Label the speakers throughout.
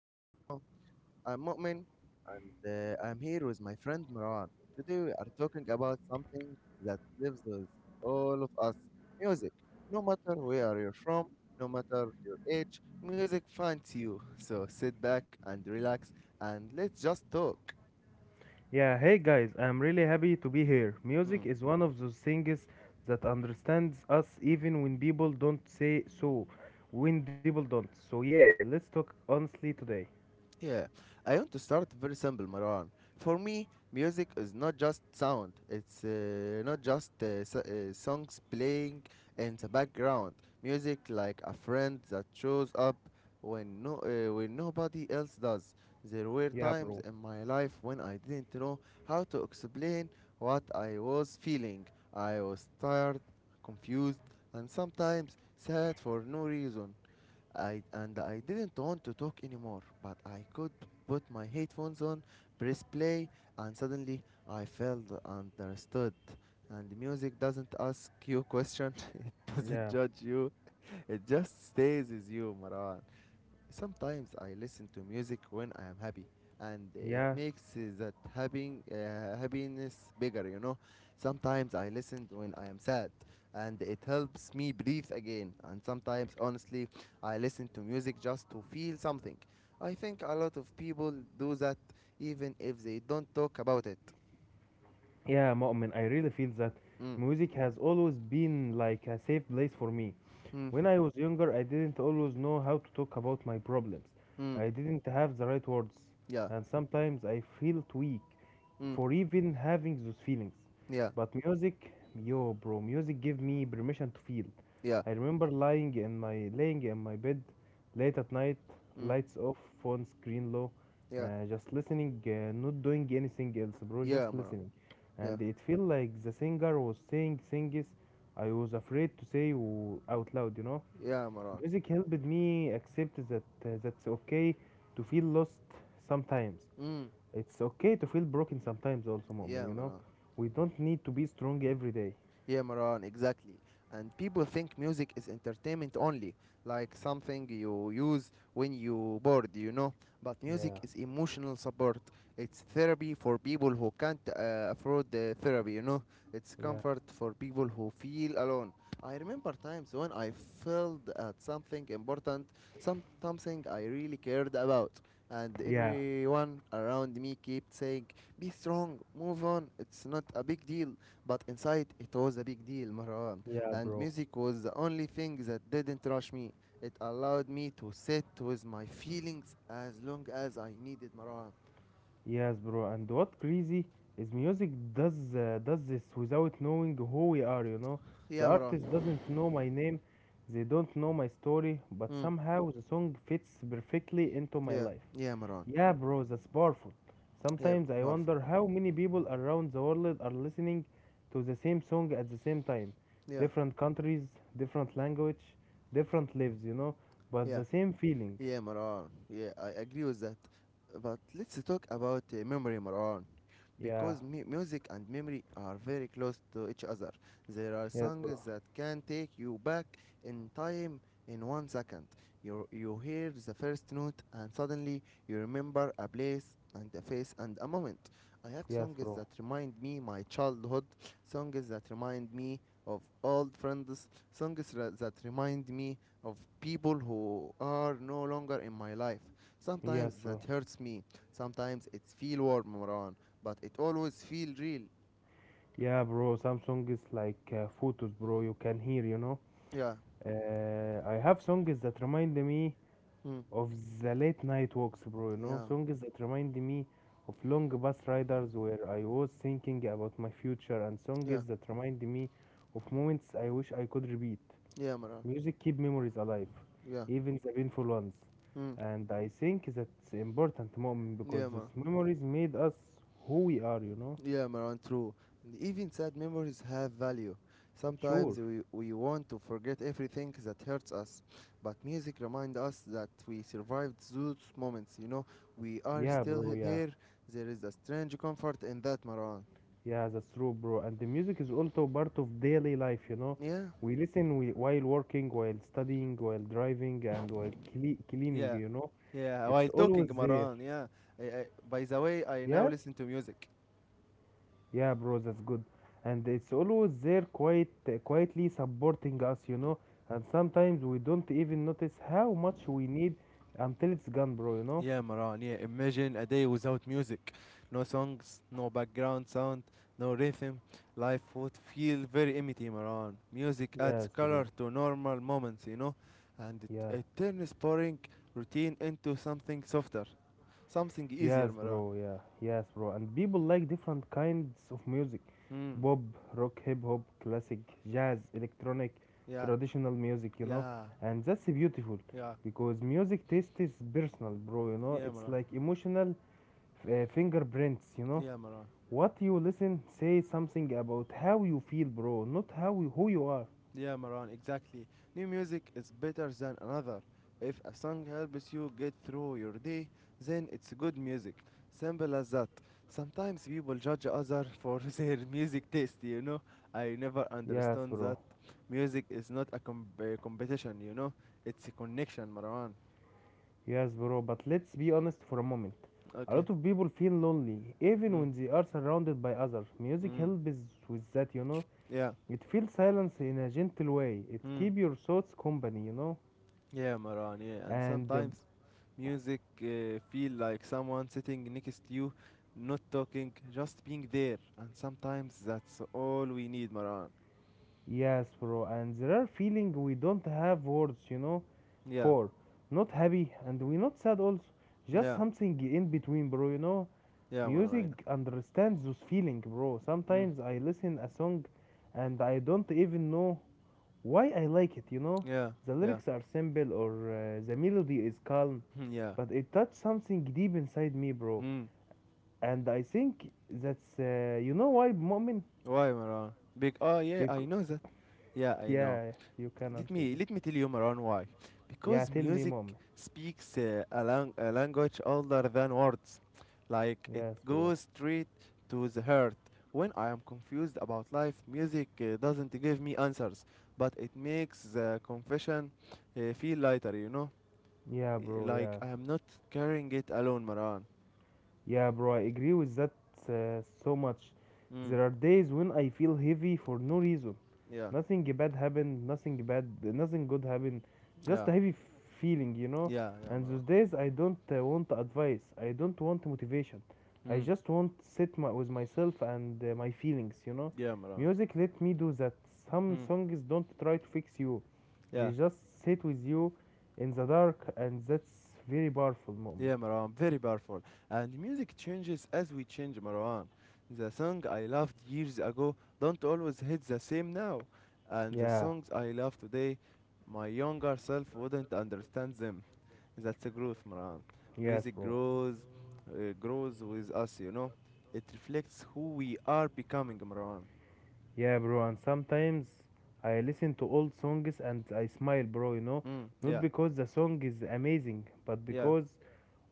Speaker 1: episode. I'm Mu'min and I'm here with my friend Marwan. Today we are talking about something that lives with all of us, music. No matter where you're from, no matter your age, music finds you. So sit back and relax and let's just talk.
Speaker 2: Yeah, hey guys, I'm really happy to be here.
Speaker 1: Hmm.
Speaker 2: Music is one of those things that understands us even when people don't say so. When people don't. So, yeah, let's talk honestly today.
Speaker 1: Yeah, I want to start very simple, Marwan. For me, music is not just sound, it's not just songs playing in the background. Music like a friend that shows up when, no, when nobody else does. There were
Speaker 2: Yeah, bro.
Speaker 1: times in my life when I didn't know how to explain what I was feeling. I was tired, confused, and sometimes sad for no reason. I didn't want to talk anymore, but I could put my headphones on, press play, and suddenly I felt understood. And the music doesn't ask you question, it doesn't
Speaker 2: Yeah,
Speaker 1: judge you, it just stays with you, Marwan. Sometimes I listen to music when I am happy, and it
Speaker 2: yeah,
Speaker 1: makes that happiness bigger, you know. Sometimes I listen when I am sad, and it helps me breathe again. And sometimes, honestly, I listen to music just to feel something. I think a lot of people do that even if they don't talk about it.
Speaker 2: yeah, Mu'min, I really feel that
Speaker 1: Mm.
Speaker 2: music has always been like a safe place for me.
Speaker 1: Mm.
Speaker 2: When I was younger, I didn't always know how to talk about my problems.
Speaker 1: Mm.
Speaker 2: I didn't have the right words,
Speaker 1: Yeah.
Speaker 2: and sometimes I felt weak
Speaker 1: Mm.
Speaker 2: for even having those feelings.
Speaker 1: Yeah.
Speaker 2: But music, yo, bro, music gave me permission to feel.
Speaker 1: Yeah.
Speaker 2: I remember lying in my laying in my bed late at night,
Speaker 1: Mm.
Speaker 2: lights off, phone screen low,
Speaker 1: Yeah.
Speaker 2: just listening, not doing anything else, bro,
Speaker 1: Yeah,
Speaker 2: just
Speaker 1: Maran.
Speaker 2: listening.
Speaker 1: Yeah.
Speaker 2: And it felt like the singer was saying things I was afraid to say out loud, you know.
Speaker 1: Yeah, Maran.
Speaker 2: Music helped me accept that that's okay to feel lost sometimes.
Speaker 1: Mm.
Speaker 2: It's okay to feel broken sometimes also, Mu'min,
Speaker 1: Yeah,
Speaker 2: you know.
Speaker 1: Maran.
Speaker 2: We don't need to be strong every day.
Speaker 1: Yeah, Maran, exactly. And people think music is entertainment only, like something you use when you bored, you know. But
Speaker 2: Yeah,
Speaker 1: music is emotional support. It's therapy for people who can't afford the therapy, you know. It's
Speaker 2: yeah,
Speaker 1: comfort for people who feel alone. I remember times when I felt at something important, something I really cared about, and
Speaker 2: yeah,
Speaker 1: everyone around me kept saying, "Be strong, move on. It's not a big deal." But inside, it was a big deal, Marwan,
Speaker 2: yeah,
Speaker 1: and
Speaker 2: bro.
Speaker 1: music was the only thing that didn't rush me. It allowed me to sit with my feelings as long as I needed, Marwan.
Speaker 2: Yes, bro. And what crazy is music does this without knowing who we are, you know. The
Speaker 1: Yeah, Marwan.
Speaker 2: artist doesn't know my name, they don't know my story, but
Speaker 1: Mm.
Speaker 2: somehow the song fits perfectly into my
Speaker 1: Yeah,
Speaker 2: life.
Speaker 1: yeah, Marwan.
Speaker 2: Yeah, bro, that's powerful.
Speaker 1: Yeah,
Speaker 2: Sometimes I
Speaker 1: Barf.
Speaker 2: wonder how many people around the world are listening to the same song at the same time.
Speaker 1: Yeah,
Speaker 2: Different countries, different language, different lives, you know, but
Speaker 1: yeah.
Speaker 2: the same feeling.
Speaker 1: Yeah, Maran. Yeah, I agree with that. But let's talk about memory, Maran.
Speaker 2: Yeah,
Speaker 1: Because music and memory are very close to each other. There are
Speaker 2: yes, bro.
Speaker 1: songs that can take you back in time in 1 second. You hear the first note and suddenly you remember a place and a face and a moment. I have
Speaker 2: Yes,
Speaker 1: songs
Speaker 2: bro.
Speaker 1: that remind me my childhood, songs that remind me of old friends, that remind me of people who are no longer in my life.
Speaker 2: Yes,
Speaker 1: Sometimes
Speaker 2: bro.
Speaker 1: that hurts me. Sometimes it feel warm, Maran, but it always feel real.
Speaker 2: Yeah, bro, some songs is like photos, bro, you can hear, you know.
Speaker 1: Yeah.
Speaker 2: I have songs that remind me
Speaker 1: Mm.
Speaker 2: of the late night walks, bro. You know,
Speaker 1: Yeah.
Speaker 2: songs that remind me of long bus riders where I was thinking about my future, and songs
Speaker 1: Yeah.
Speaker 2: that remind me of moments I wish I could repeat.
Speaker 1: Yeah, Maran.
Speaker 2: Music keep memories alive,
Speaker 1: Yeah.
Speaker 2: even the painful ones.
Speaker 1: Mm.
Speaker 2: And I think that's important, moment because
Speaker 1: Yeah,
Speaker 2: those
Speaker 1: Maran.
Speaker 2: memories made us who we are, you know?
Speaker 1: Yeah, Maran. True. And even sad memories have value.
Speaker 2: Sure.
Speaker 1: Sometimes we want to forget everything that hurts us, but music reminds us that we survived those moments. You know, we are
Speaker 2: Yeah,
Speaker 1: still
Speaker 2: bro, yeah.
Speaker 1: there. There is a strange comfort in that, Maran.
Speaker 2: Yeah, that's true, bro. And the music is also part of daily life, you know.
Speaker 1: Yeah.
Speaker 2: While working, while studying, while driving, and while cleaning,
Speaker 1: Yeah,
Speaker 2: you know.
Speaker 1: yeah.
Speaker 2: It's
Speaker 1: While talking,
Speaker 2: always there.
Speaker 1: Maran, yeah. By the way, I now
Speaker 2: Yeah?
Speaker 1: listen to music.
Speaker 2: Yeah, bro, that's good. And it's always there, quite quietly supporting us, you know. And sometimes we don't even notice how much we need until it's gone, bro, you know.
Speaker 1: Yeah, Maran, yeah. Imagine a day without music. No songs, no background sound, no rhythm. Life would feel very empty, Maran. Music adds
Speaker 2: Yes,
Speaker 1: color
Speaker 2: bro.
Speaker 1: to normal moments, you know, and
Speaker 2: Yeah.
Speaker 1: it turns boring routine into something softer, something
Speaker 2: Yes,
Speaker 1: easier,
Speaker 2: bro.
Speaker 1: Maran.
Speaker 2: Yeah, yes, bro. And people like different kinds of music:
Speaker 1: Hmm.
Speaker 2: pop, rock, hip hop, classic, jazz, electronic,
Speaker 1: Yeah,
Speaker 2: traditional music. You know,
Speaker 1: yeah,
Speaker 2: and that's beautiful
Speaker 1: yeah,
Speaker 2: because music taste is personal, bro. You know,
Speaker 1: yeah,
Speaker 2: it's
Speaker 1: Maran.
Speaker 2: like emotional fingerprints. You know,
Speaker 1: Yeah, Maran.
Speaker 2: what you listen say something about how you feel, bro, not how you, who you are.
Speaker 1: Yeah, Maran, exactly. New music is better than another. If a song helps you get through your day, then it's good music. Simple as that. Sometimes people judge others for their music taste, you know. I never
Speaker 2: Yes,
Speaker 1: understand
Speaker 2: bro.
Speaker 1: that. Music is not a competition, you know. It's a connection, Marwan.
Speaker 2: Yes, bro, but let's be honest for a moment. A
Speaker 1: Okay.
Speaker 2: lot of people feel lonely, even
Speaker 1: Mm.
Speaker 2: when they are surrounded by others. Music
Speaker 1: Mm.
Speaker 2: helps with that, you know.
Speaker 1: Yeah.
Speaker 2: It feels silence in a gentle way. It
Speaker 1: Mm.
Speaker 2: keeps your thoughts company, you know.
Speaker 1: Yeah, Maran, yeah. And
Speaker 2: And
Speaker 1: sometimes music feel like someone sitting next to you, not talking, just being there. And sometimes that's all we need, Maran.
Speaker 2: yes, bro, and there are feelings we don't have words, you know,
Speaker 1: Yeah,
Speaker 2: for. Not happy, and we not sad also. Just
Speaker 1: yeah,
Speaker 2: something in between, bro, you know.
Speaker 1: yeah, Maran, I know.
Speaker 2: Music understands those feelings, bro.
Speaker 1: Mm,
Speaker 2: Sometimes I listen a song and I don't even know why I like it, you know?
Speaker 1: yeah,
Speaker 2: The
Speaker 1: yeah,
Speaker 2: lyrics are simple or the melody is calm,
Speaker 1: yeah.
Speaker 2: but it touched something deep inside me, bro.
Speaker 1: Mm.
Speaker 2: And I think that's, you know why, Mu'min?
Speaker 1: Why, Maran? Big, oh, yeah, I
Speaker 2: Because,
Speaker 1: know that. Yeah, I know.
Speaker 2: yeah, you can
Speaker 1: let
Speaker 2: answer
Speaker 1: me
Speaker 2: that.
Speaker 1: let me tell you Maran why,
Speaker 2: Yeah,
Speaker 1: because
Speaker 2: tell me,
Speaker 1: music
Speaker 2: Mu'min.
Speaker 1: speaks a language older than words, like it
Speaker 2: Yes, bro.
Speaker 1: goes straight to the heart. When I am confused about life, music doesn't give me answers, but it makes the confession feel lighter, you know.
Speaker 2: Yeah, bro,
Speaker 1: Like
Speaker 2: yeah.
Speaker 1: I am not carrying it alone, Maran.
Speaker 2: Yeah, bro, I agree with that so much.
Speaker 1: Mm.
Speaker 2: There are days when I feel heavy for no reason.
Speaker 1: Yeah.
Speaker 2: Nothing bad happened, nothing good happened,
Speaker 1: Yeah.
Speaker 2: just a heavy feeling, you know.
Speaker 1: Yeah. Yeah,
Speaker 2: And those
Speaker 1: Maran.
Speaker 2: days I don't want advice, I don't want motivation, I
Speaker 1: Mm.
Speaker 2: just want with myself and my feelings, you know.
Speaker 1: Yeah, Maran.
Speaker 2: Music let me do that. Some
Speaker 1: Mm.
Speaker 2: songs don't try to fix you, they
Speaker 1: Yeah.
Speaker 2: just sit with you in the dark, and that's very powerful
Speaker 1: Yeah,
Speaker 2: moment.
Speaker 1: Marwan, very powerful. And music changes as we change, Marwan. The song I loved years ago don't always hit the same now. And the
Speaker 2: Yeah,
Speaker 1: songs I love today, my younger self wouldn't understand them. That's the growth, Marwan.
Speaker 2: yes,
Speaker 1: Music
Speaker 2: bro.
Speaker 1: grows, uh, grows with us, you know. It reflects who we are becoming, Marwan.
Speaker 2: Yeah, bro, and sometimes I listen to old songs and I smile, bro, you know,
Speaker 1: Mm,
Speaker 2: not
Speaker 1: yeah,
Speaker 2: because the song is amazing, but
Speaker 1: yeah,
Speaker 2: because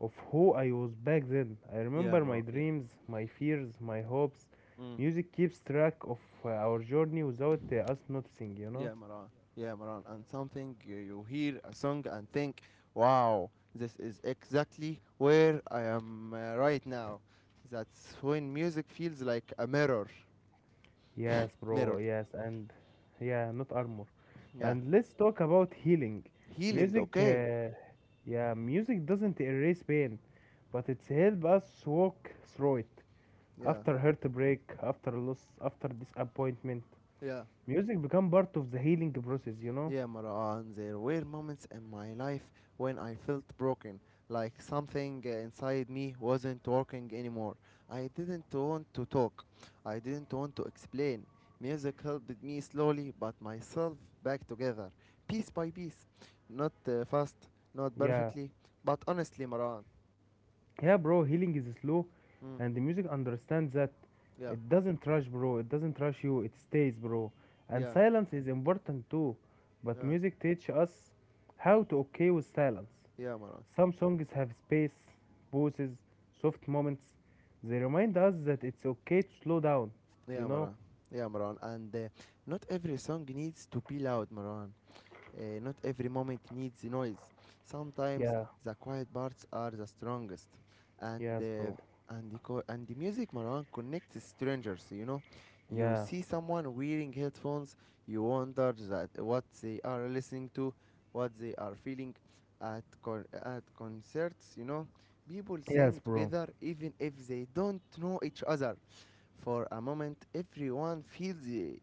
Speaker 2: of who I was back then. I
Speaker 1: yeah,
Speaker 2: remember my
Speaker 1: Marwan, yeah.
Speaker 2: dreams, my fears, my hopes.
Speaker 1: Mm.
Speaker 2: Music keeps track of our journey without us noticing, you know?
Speaker 1: Yeah, Maran. Yeah, Maran. And something you hear a song and think, wow, this is exactly where I am right now. That's when music feels like a mirror.
Speaker 2: Yes, bro,
Speaker 1: Mirror.
Speaker 2: yes, and yeah, not armor.
Speaker 1: Yeah.
Speaker 2: And let's talk about healing.
Speaker 1: Healing,
Speaker 2: Music,
Speaker 1: okay?
Speaker 2: yeah, music doesn't erase pain, but it's help us walk through it.
Speaker 1: Yeah.
Speaker 2: After heartbreak, after loss, after disappointment,
Speaker 1: Yeah.
Speaker 2: music become part of the healing process, you know?
Speaker 1: Yeah, Marwan, there were moments in my life when I felt broken, like something inside me wasn't working anymore. I didn't want to talk, I didn't want to explain. Music helped me slowly, but myself back together, piece by piece. Not fast, not
Speaker 2: Yeah.
Speaker 1: perfectly, but honestly, Marwan.
Speaker 2: Yeah, bro, healing is slow
Speaker 1: Mm,
Speaker 2: and the music understands that.
Speaker 1: yeah,
Speaker 2: It doesn't rush, bro. It doesn't rush you. It stays, bro. And
Speaker 1: yeah,
Speaker 2: silence is important too. But
Speaker 1: yeah,
Speaker 2: music teach us how to okay with silence.
Speaker 1: yeah, Marwan.
Speaker 2: Some songs have space, pauses, soft moments. They remind us that it's okay to slow down, you
Speaker 1: Yeah,
Speaker 2: know?
Speaker 1: Marwan. Yeah, Marwan. And not every song needs to be loud, Marwan. Not every moment needs noise. Sometimes
Speaker 2: Yeah,
Speaker 1: the quiet parts are the strongest. And
Speaker 2: yes,
Speaker 1: uh,
Speaker 2: bro.
Speaker 1: and the music Marwan connects strangers. You know, you
Speaker 2: Yeah,
Speaker 1: see someone wearing headphones, you wonder that what they are listening to, what they are feeling. At concerts, you know, people
Speaker 2: yes,
Speaker 1: sing
Speaker 2: bro.
Speaker 1: together even if they don't know each other. For a moment, everyone feels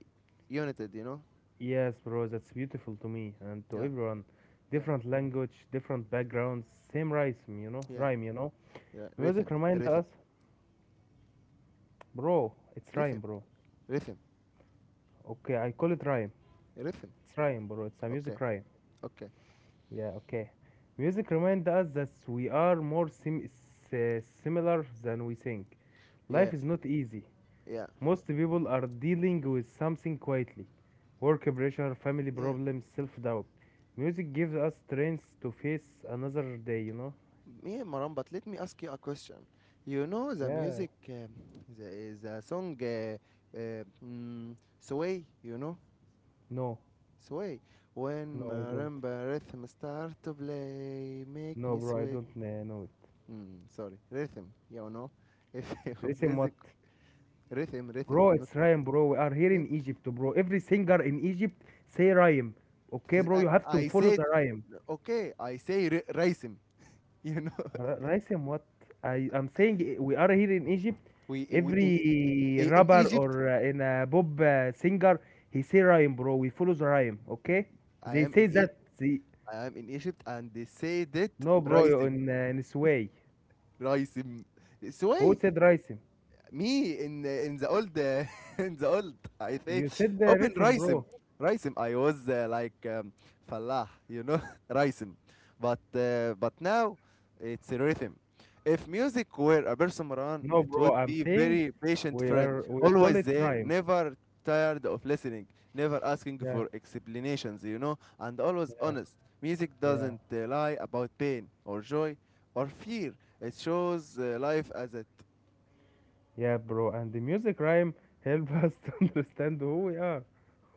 Speaker 1: united. You know.
Speaker 2: Yes, bro. That's beautiful to me and to
Speaker 1: Yeah.
Speaker 2: everyone.
Speaker 1: Yeah.
Speaker 2: Different language, different backgrounds, same rhyme, you know?
Speaker 1: Yeah.
Speaker 2: Rhyme, you know?
Speaker 1: Yeah,
Speaker 2: Music
Speaker 1: rhythm,
Speaker 2: reminds
Speaker 1: rhythm,
Speaker 2: us, bro, it's rhyme,
Speaker 1: rhythm,
Speaker 2: bro.
Speaker 1: rhythm,
Speaker 2: Okay, I call it rhyme.
Speaker 1: rhythm.
Speaker 2: It's rhyme, bro. It's a
Speaker 1: Okay,
Speaker 2: music rhyme.
Speaker 1: okay.
Speaker 2: Yeah, okay. Music reminds us that we are more similar than we think.
Speaker 1: Yeah,
Speaker 2: Life is not easy.
Speaker 1: yeah,
Speaker 2: Most people are dealing with something quietly: work pressure, family
Speaker 1: yeah.
Speaker 2: problems, self doubt. Music gives us strength to face another day, you know?
Speaker 1: Yeah, Maran, but let me ask you a question. You know the
Speaker 2: Yeah.
Speaker 1: music, the song Sway, you know?
Speaker 2: No,
Speaker 1: Sway. When
Speaker 2: no, I don't.
Speaker 1: marimba rhythm start to play, make
Speaker 2: No,
Speaker 1: me
Speaker 2: bro, I
Speaker 1: sway.
Speaker 2: don't know it.
Speaker 1: Mm, sorry, rhythm, you know? If you
Speaker 2: Listen, what?
Speaker 1: music, rhythm, rhythm,
Speaker 2: Bro,
Speaker 1: not
Speaker 2: it's rhyme, bro. We are here
Speaker 1: okay?
Speaker 2: in Egypt, bro. Every singer in Egypt say rhyme.
Speaker 1: It
Speaker 2: Okay,
Speaker 1: is-
Speaker 2: bro,
Speaker 1: I
Speaker 2: you have to
Speaker 1: I
Speaker 2: follow
Speaker 1: said,
Speaker 2: the rhyme.
Speaker 1: okay, rhythm, you know?
Speaker 2: Ra- Raisam, what? I'm saying we are here in Egypt.
Speaker 1: We, we in
Speaker 2: Every
Speaker 1: in
Speaker 2: rapper
Speaker 1: Egypt.
Speaker 2: or in a Bob singer, he say rhyme, bro. We follow the rhyme, okay?
Speaker 1: I
Speaker 2: They
Speaker 1: am
Speaker 2: say
Speaker 1: in Egypt.
Speaker 2: that. They...
Speaker 1: I am in Egypt, and they say that
Speaker 2: No, bro, you
Speaker 1: raisim,
Speaker 2: in sway.
Speaker 1: raisim. It's
Speaker 2: Who
Speaker 1: why
Speaker 2: said Raisam?
Speaker 1: me in the old in the old I say
Speaker 2: You said the
Speaker 1: open
Speaker 2: rhythm,
Speaker 1: Raisim.
Speaker 2: bro.
Speaker 1: Raisim I was like Falah, you know, Raisim. But now it's a rhythm. If music were a person Maran,
Speaker 2: No,
Speaker 1: it
Speaker 2: bro,
Speaker 1: would
Speaker 2: I'm
Speaker 1: be
Speaker 2: saying
Speaker 1: very patient friend,
Speaker 2: we call
Speaker 1: always
Speaker 2: it
Speaker 1: there,
Speaker 2: rhyme.
Speaker 1: never tired of listening, never asking
Speaker 2: Yeah,
Speaker 1: for explanations, you know, and always
Speaker 2: yeah,
Speaker 1: honest. Music
Speaker 2: yeah,
Speaker 1: doesn't lie about pain or joy or fear. It shows life as it.
Speaker 2: yeah, bro. And the music rhyme help us to understand who we are.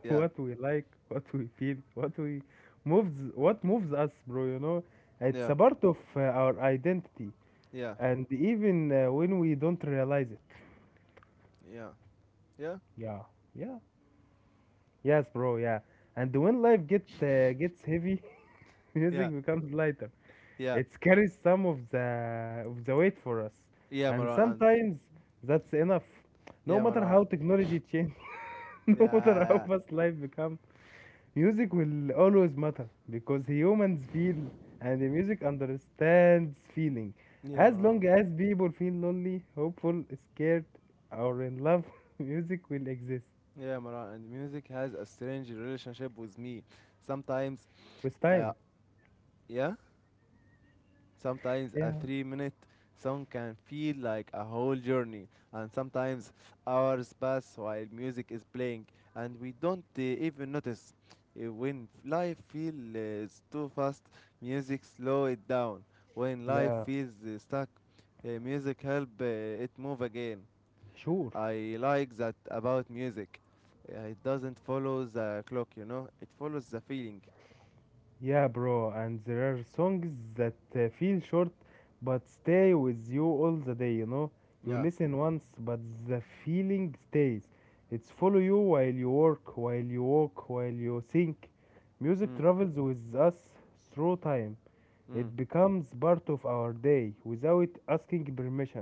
Speaker 1: Yeah.
Speaker 2: What we like, what we feel, what we moves, what moves us, bro. You know, it's
Speaker 1: Yeah.
Speaker 2: a part of our identity,
Speaker 1: Yeah,
Speaker 2: and even when we don't realize it.
Speaker 1: yeah, yeah,
Speaker 2: Yeah, yeah, yes, bro. Yeah, and when life gets heavy,
Speaker 1: yeah,
Speaker 2: music becomes lighter.
Speaker 1: yeah,
Speaker 2: It carries some of the weight for us,
Speaker 1: yeah,
Speaker 2: and
Speaker 1: Maran, and
Speaker 2: sometimes that's enough. No
Speaker 1: yeah,
Speaker 2: matter
Speaker 1: Maran,
Speaker 2: how technology change,
Speaker 1: yeah,
Speaker 2: no matter how
Speaker 1: yeah,
Speaker 2: fast life become, music will always matter because humans feel and the music understands feeling.
Speaker 1: yeah,
Speaker 2: As
Speaker 1: Maran,
Speaker 2: long as people feel lonely, hopeful, scared, or in love, music will exist
Speaker 1: yeah, Maran, and music has a strange relationship with me. Sometimes,
Speaker 2: with
Speaker 1: uh,
Speaker 2: time.
Speaker 1: yeah, Sometimes a
Speaker 2: Yeah,
Speaker 1: 3 minute song can feel like a whole journey, and sometimes hours pass while music is playing, and we don't even notice. Life feels too fast, music slow it down. When life
Speaker 2: yeah,
Speaker 1: feels stuck, music help it move again.
Speaker 2: sure.
Speaker 1: I like that about music. It doesn't follow the clock, you know. It follows the feeling.
Speaker 2: Yeah, bro, and there are songs that feel short but stay with you all the day, you know? You
Speaker 1: Yeah.
Speaker 2: listen once, but the feeling stays. It's follow you while you work, while you walk, while you think. Music
Speaker 1: Mm.
Speaker 2: travels with us through time.
Speaker 1: Mm.
Speaker 2: It becomes part of our day without asking permission.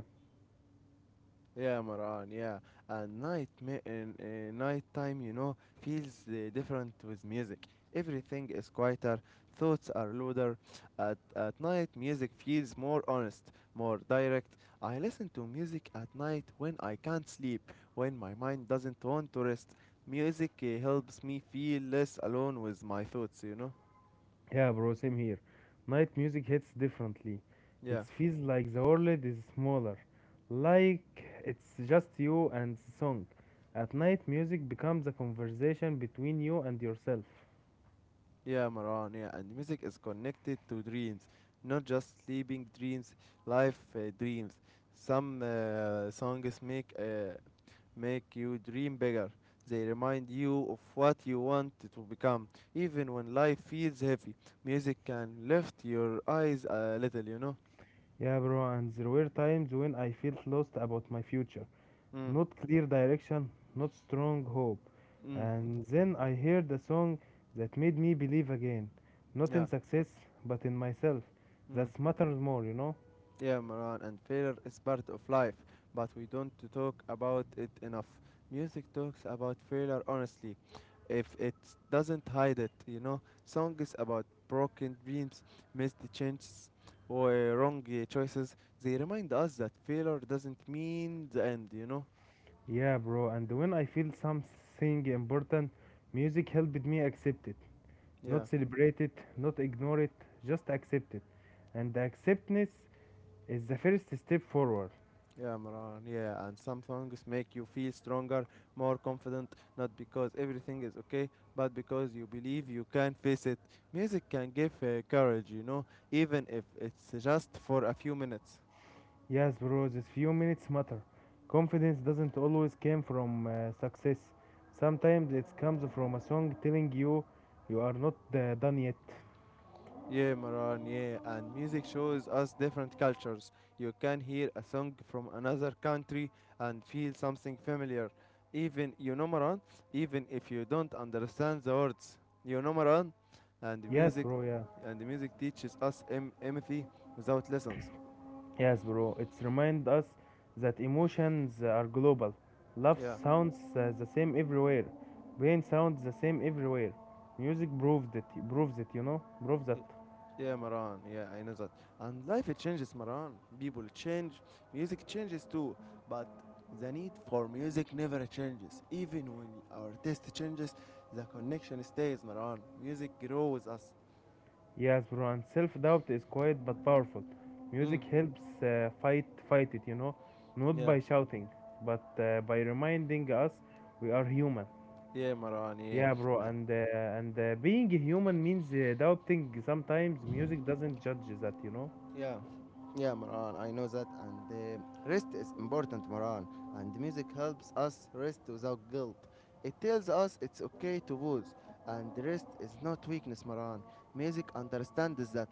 Speaker 1: Yeah, Maran, yeah. And night ma- and, night time, you know, feels different with music. Everything is quieter, thoughts are louder. At night, music feels more honest, more direct. I listen to music at night when I can't sleep, when my mind doesn't want to rest. Music helps me feel less alone with my thoughts, you know?
Speaker 2: Yeah, bro, same here. Night music hits differently. It
Speaker 1: Yeah.
Speaker 2: feels like the world is smaller, like it's just you and the song. At night, music becomes a conversation between you and yourself.
Speaker 1: Yeah, Maran, yeah, and music is connected to dreams, not just sleeping dreams, life dreams. Some songs make make you dream bigger. They remind you of what you want to become, even when life feels heavy. Music can lift your eyes a little, you know.
Speaker 2: Yeah, bro, and there were times when I felt lost about my future.
Speaker 1: Mm,
Speaker 2: Not clear direction, not strong hope.
Speaker 1: mm,
Speaker 2: And then I heard a song that made me believe again. Not in
Speaker 1: yeah.
Speaker 2: success, but in myself.
Speaker 1: Mm.
Speaker 2: That matters more, you know?
Speaker 1: Yeah, Maran, and failure is part of life, but we don't talk about it enough. Music talks about failure honestly, if it doesn't hide it, you know. Songs about broken dreams, missed chances, or wrong choices, they remind us that failure doesn't mean the end, you know.
Speaker 2: Yeah, bro. And when I feel something important, music helped me accept it.
Speaker 1: Yeah.
Speaker 2: Not celebrate it, not ignore it, just accept it. And the acceptance is the first step forward.
Speaker 1: Yeah, Maran. Yeah, and some songs make you feel stronger, more confident, not because everything is okay, but because you believe you can face it. Music can give courage, you know, even if it's just for a few minutes.
Speaker 2: Yes, bro, these few minutes matter. Confidence doesn't always come from success. Sometimes it comes from a song telling you you are not done yet.
Speaker 1: Yeah, Maran, yeah, and music shows us different cultures. You can hear a song from another country and feel something familiar. Even, you know, Maran, even if you don't understand the words. Maran, and the
Speaker 2: Yes,
Speaker 1: music,
Speaker 2: bro, yeah.
Speaker 1: and the music teaches us empathy without lessons.
Speaker 2: Yes, bro. It's remind us that emotions are global. Love
Speaker 1: Yeah.
Speaker 2: sounds the same everywhere. Pain sounds the same everywhere. Music proves it. Proves it. You know. Proves that.
Speaker 1: Yeah, Maran. Yeah, I know that. And life it changes, Maran. People change, music changes too. But the need for music never changes. Even when our taste changes, the connection stays, Maran. Music grows us.
Speaker 2: Yes, bro. And self-doubt is quiet but powerful. Music
Speaker 1: Mm.
Speaker 2: helps fight it. You know, not
Speaker 1: Yeah.
Speaker 2: by shouting, but by reminding us we are human.
Speaker 1: Yeah, Maran. Yeah.
Speaker 2: Yeah, bro. And being human means doubting. Sometimes music doesn't judge that. You know.
Speaker 1: Yeah, yeah, Maran, I know that. And rest is important, Maran. And music helps us rest without guilt. It tells us it's okay to pause. And rest is not weakness, Maran. Music understands that.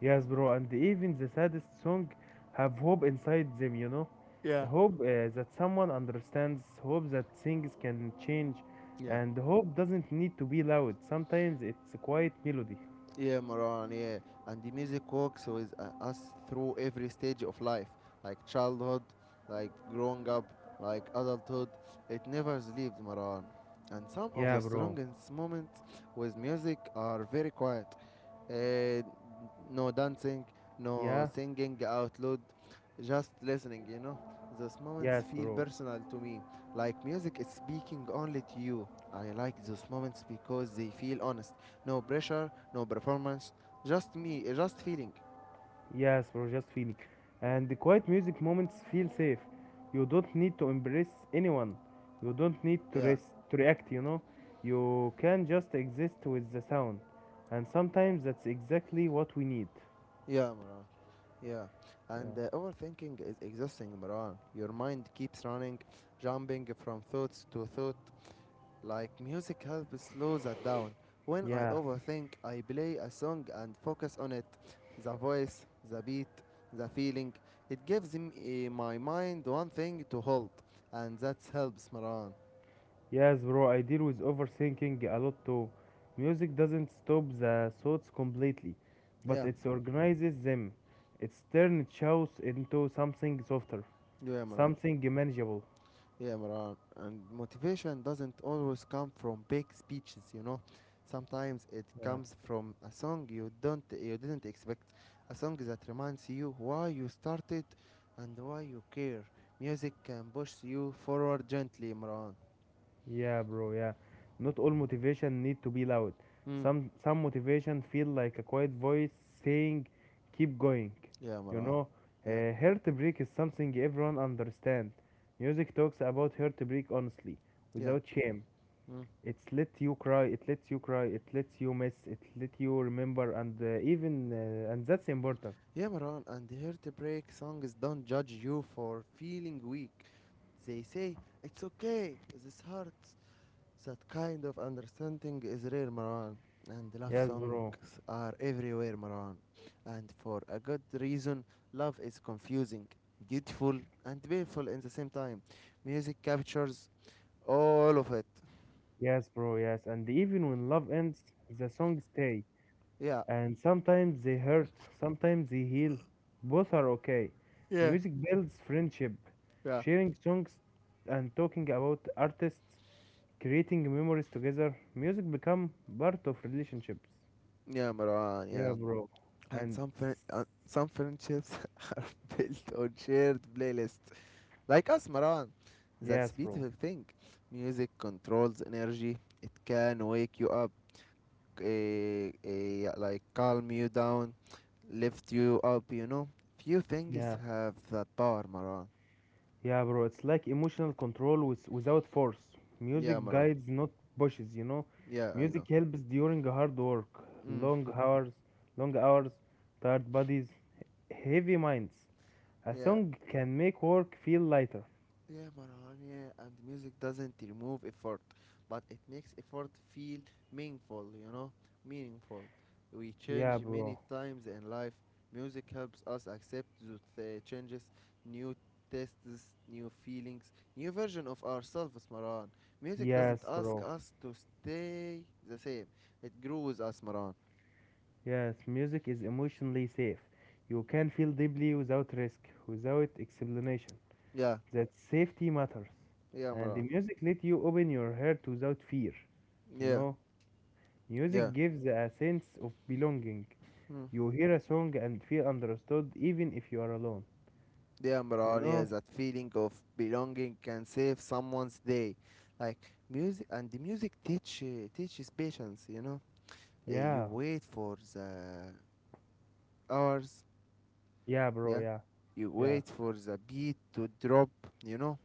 Speaker 2: Yes, bro, and even the saddest song have hope inside them, you know?
Speaker 1: Yeah.
Speaker 2: Hope that someone understands, hope that things can change,
Speaker 1: Yeah.
Speaker 2: and hope doesn't need to be loud. Sometimes it's a quiet melody.
Speaker 1: Yeah, Maran, yeah. And the music walks with us through every stage of life, like childhood, like growing up, like adulthood. It never sleeps, Maran. And some of
Speaker 2: Yeah,
Speaker 1: the
Speaker 2: bro.
Speaker 1: strongest moments with music are very quiet, uh, no dancing, no
Speaker 2: Yeah,
Speaker 1: singing out loud, just listening. Those moments
Speaker 2: yes,
Speaker 1: feel
Speaker 2: bro.
Speaker 1: personal to me, like music is speaking only to you. I like those moments because they feel honest. No pressure, no performance, just me, just feeling.
Speaker 2: Yes, bro, just feeling. And the quiet music moments feel safe. You don't need to embrace anyone. You don't need to,
Speaker 1: Yeah,
Speaker 2: rest, to react, you know? You can just exist with the sound. And sometimes that's exactly what we need.
Speaker 1: yeah, Maran. Yeah. And
Speaker 2: Yeah.
Speaker 1: overthinking is exhausting, Maran. Your mind keeps running, jumping from thoughts to thought, like music helps slow that down. When I
Speaker 2: Yeah.
Speaker 1: overthink, I play a song and focus on it. The voice, the beat, the feeling. It gives me, my mind one thing to hold, and that helps, Maran.
Speaker 2: Yes, bro, I deal with overthinking a lot too. Music doesn't stop the thoughts completely, but
Speaker 1: Yeah,
Speaker 2: it organizes them. It turns chaos into something softer,
Speaker 1: you yeah, Maran.
Speaker 2: something manageable.
Speaker 1: Yeah, Maran. And motivation doesn't always come from big speeches, you know. Sometimes it
Speaker 2: Yeah.
Speaker 1: comes from a song you didn't expect, a song that reminds you why you started and why you care. Music can push you forward gently, Maran.
Speaker 2: Yeah, bro, yeah. Not all motivation need to be loud.
Speaker 1: Mm.
Speaker 2: Some motivation feel like a quiet voice saying, "Keep going."
Speaker 1: Yeah,
Speaker 2: You
Speaker 1: Maran.
Speaker 2: know,
Speaker 1: Yeah.
Speaker 2: heartbreak is something everyone understand. Music talks about heartbreak honestly,
Speaker 1: Yeah.
Speaker 2: without shame.
Speaker 1: Mm.
Speaker 2: It lets you cry, it lets you cry, it lets you miss, it let you remember, and that's important.
Speaker 1: Yeah, Maran. And heartbreak songs don't judge you for feeling weak. They say it's okay. This hurts. So that kind of understanding is rare, Maran. And love
Speaker 2: Yes,
Speaker 1: songs
Speaker 2: bro.
Speaker 1: are everywhere, Maran. And for a good reason, love is confusing, beautiful, and painful in the same time. Music captures all of it.
Speaker 2: Yes, bro. Yes, and even when love ends, the song stay.
Speaker 1: Yeah,
Speaker 2: And sometimes they hurt, sometimes they heal. Both are okay. Music builds friendship,
Speaker 1: yeah,
Speaker 2: sharing songs, and talking about artists, creating memories together. Music become part of relationships.
Speaker 1: yeah, Maran,
Speaker 2: Yeah,
Speaker 1: yeah.
Speaker 2: bro.
Speaker 1: And
Speaker 2: And
Speaker 1: some friendships are built on shared playlists. Like us, Maran.
Speaker 2: yes,
Speaker 1: That's
Speaker 2: bro.
Speaker 1: beautiful thing. Music controls energy. It can wake you up. A Like calm you down, lift you up, you know. Few things
Speaker 2: Yeah.
Speaker 1: have that power, Maran.
Speaker 2: Yeah, bro, it's like emotional control with, without force.
Speaker 1: Yeah,
Speaker 2: Music
Speaker 1: Maran.
Speaker 2: guides, not pushes.
Speaker 1: Yeah, I
Speaker 2: Music
Speaker 1: know.
Speaker 2: helps during hard work,
Speaker 1: Mm.
Speaker 2: long hours, tired bodies, heavy minds. A
Speaker 1: Yeah,
Speaker 2: song can make work feel lighter.
Speaker 1: yeah, Marhan, yeah, and music doesn't remove effort, but it makes effort feel meaningful, meaningful. We
Speaker 2: Yeah,
Speaker 1: change many
Speaker 2: bro.
Speaker 1: times in life. Music helps us accept those changes, new tastes, new feelings, new version of ourselves, Marhan. Music doesn't
Speaker 2: Yes,
Speaker 1: ask
Speaker 2: bro.
Speaker 1: us to stay the same. It grows us, Marhan.
Speaker 2: Yes, music is emotionally safe. You can feel deeply without risk, without explanation.
Speaker 1: Yeah,
Speaker 2: That safety matters.
Speaker 1: yeah,
Speaker 2: And the
Speaker 1: Marhan.
Speaker 2: music let you open your heart without fear, you
Speaker 1: Yeah,
Speaker 2: know?
Speaker 1: yeah.
Speaker 2: Music gives a sense of belonging.
Speaker 1: Hmm.
Speaker 2: You hear a song and feel understood even if you are alone.
Speaker 1: Yeah,
Speaker 2: You
Speaker 1: Imran, yeah,
Speaker 2: know?
Speaker 1: that feeling of belonging can save someone's day. Like music, and the music teaches patience. You
Speaker 2: Yeah.
Speaker 1: wait for the hours.
Speaker 2: Yeah, bro.
Speaker 1: Yeah,
Speaker 2: Yeah.
Speaker 1: you
Speaker 2: Yeah.
Speaker 1: wait for the beat to drop. You know,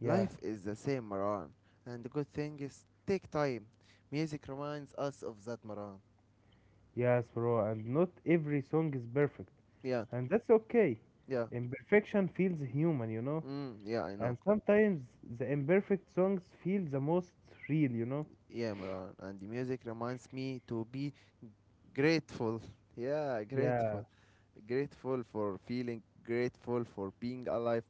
Speaker 2: Yeah.
Speaker 1: life is the same, Maran. And the good thing is, take time. Music reminds us of that, Maran.
Speaker 2: Yes, bro. And not every song is perfect.
Speaker 1: Yeah,
Speaker 2: And that's okay.
Speaker 1: yeah,
Speaker 2: Imperfection feels human, you know?
Speaker 1: mm, yeah, I know.
Speaker 2: And sometimes the imperfect songs feel the most real, you know?
Speaker 1: Yeah, Maran, and the music reminds me to be grateful. Yeah,
Speaker 2: Yeah.
Speaker 1: grateful. Grateful for feeling grateful for being alive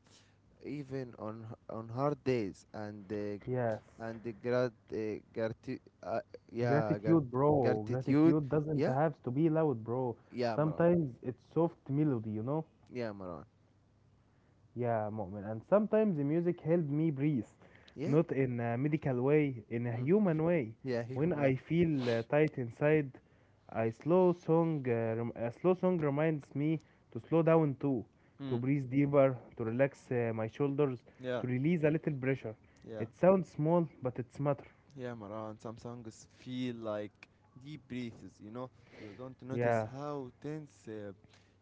Speaker 1: even on on hard days and uh,
Speaker 2: Yes.
Speaker 1: and the grat uh, grati- uh, yeah grat-
Speaker 2: Gratitude, bro.
Speaker 1: gratitude.
Speaker 2: Gratitude doesn't
Speaker 1: Yeah,
Speaker 2: have to be loud, bro.
Speaker 1: yeah, Maran.
Speaker 2: Sometimes it's soft melody, you know?
Speaker 1: Yeah, Maran,
Speaker 2: Yeah, Mu'min. And sometimes the music help me breathe,
Speaker 1: yeah.
Speaker 2: not in a medical way, in a
Speaker 1: Mm.
Speaker 2: human way.
Speaker 1: Yeah,
Speaker 2: When
Speaker 1: him, yeah.
Speaker 2: I feel tight inside, a slow song reminds me to slow down too, to
Speaker 1: Mm,
Speaker 2: breathe deeper, to relax my shoulders, to
Speaker 1: yeah,
Speaker 2: release a little pressure.
Speaker 1: yeah.
Speaker 2: It sounds small, but it's matter.
Speaker 1: Yeah, Maran, some songs feel like deep breathes, you know? You don't notice
Speaker 2: Yeah,
Speaker 1: how tense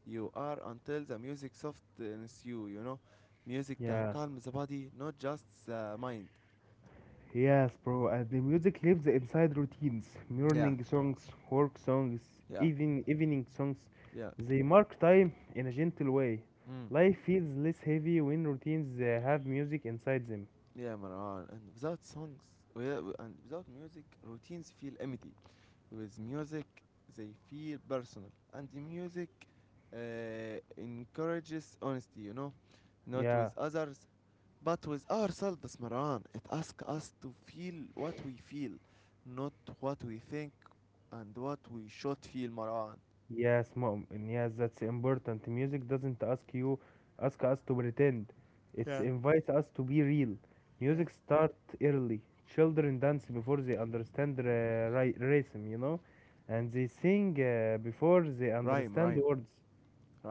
Speaker 1: you are until the music softens you, you know? Music can
Speaker 2: yeah.
Speaker 1: calm the body, not just the mind.
Speaker 2: Yes, bro, and the music lives inside routines.
Speaker 1: Yeah,
Speaker 2: Morning songs, work songs,
Speaker 1: yeah,
Speaker 2: even evening songs.
Speaker 1: yeah.
Speaker 2: They mark time in a gentle way.
Speaker 1: Mm.
Speaker 2: Life feels less heavy when routines have music inside them.
Speaker 1: Yeah, Maran. And without songs, yeah, and without music, routines feel empty. With music, they feel personal. And the music encourages honesty, you know? Not
Speaker 2: Yeah.
Speaker 1: with others, but with ourselves, Maran, it asks us to feel what we feel, not what we think and what we should feel, Maran.
Speaker 2: Yes, mom. And Yes, that's important. Music doesn't ask us to pretend. It
Speaker 1: Yeah,
Speaker 2: invites us to be real.
Speaker 1: yeah.
Speaker 2: Music start early. Children dance before they understand rhythm, you know, and they sing before they
Speaker 1: Rhyme,
Speaker 2: understand
Speaker 1: rhyme,
Speaker 2: words.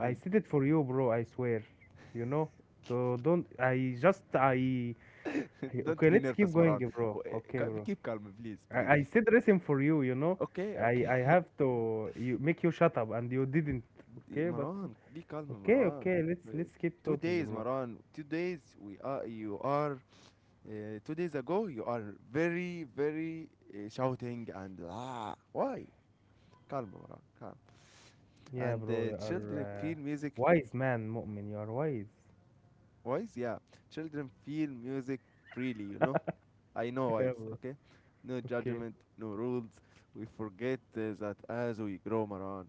Speaker 2: I said it for you, bro. I swear, you know. So don't. I just I. I-
Speaker 1: Don't
Speaker 2: Okay,
Speaker 1: be
Speaker 2: let's keep
Speaker 1: nervous,
Speaker 2: going,
Speaker 1: Maran.
Speaker 2: bro.
Speaker 1: eh,
Speaker 2: Okay, bro.
Speaker 1: Keep calm, please, please.
Speaker 2: I said listen for you, you know.
Speaker 1: Okay,
Speaker 2: I
Speaker 1: okay.
Speaker 2: have to you make you shut up and you didn't. Okay, but
Speaker 1: Maran, be calm, Maran.
Speaker 2: okay, let's
Speaker 1: Eh,
Speaker 2: let's keep
Speaker 1: Two
Speaker 2: talking,
Speaker 1: days,
Speaker 2: bro.
Speaker 1: Maran. 2 days. We are. You are. 2 days ago, you are very, very shouting, and ah. Why? Calm, Maran. Calm.
Speaker 2: Yeah,
Speaker 1: And
Speaker 2: bro, you are
Speaker 1: children feel music.
Speaker 2: wise man, mu'min. You are wise.
Speaker 1: Wise, yeah. Children feel music freely, you know. I know.
Speaker 2: Yeah,
Speaker 1: Wise.
Speaker 2: bro.
Speaker 1: Okay. No
Speaker 2: Okay.
Speaker 1: judgment, no rules. We forget that as we grow, Maran.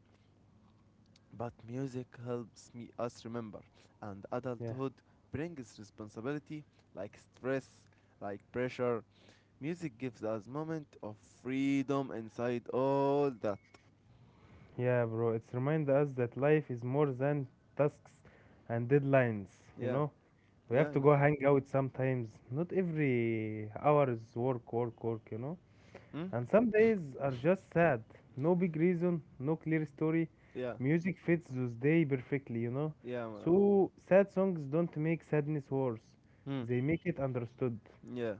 Speaker 1: But music helps me us remember, and
Speaker 2: Yeah.
Speaker 1: adulthood brings responsibility, like stress, like pressure. Music gives us moment of freedom inside all that.
Speaker 2: Yeah, bro. It's remind us that life is more than tasks and deadlines, you
Speaker 1: Yeah,
Speaker 2: know? We have
Speaker 1: yeah,
Speaker 2: to
Speaker 1: I
Speaker 2: go
Speaker 1: know.
Speaker 2: hang out sometimes. Not every hour is work, work, work, you know?
Speaker 1: Hmm?
Speaker 2: And some days are just sad. No big reason, no clear story.
Speaker 1: Yeah,
Speaker 2: Music fits those day perfectly, you know.
Speaker 1: yeah, Maran.
Speaker 2: So sad songs don't make sadness worse.
Speaker 1: Hmm.
Speaker 2: They make it understood.
Speaker 1: Yeah,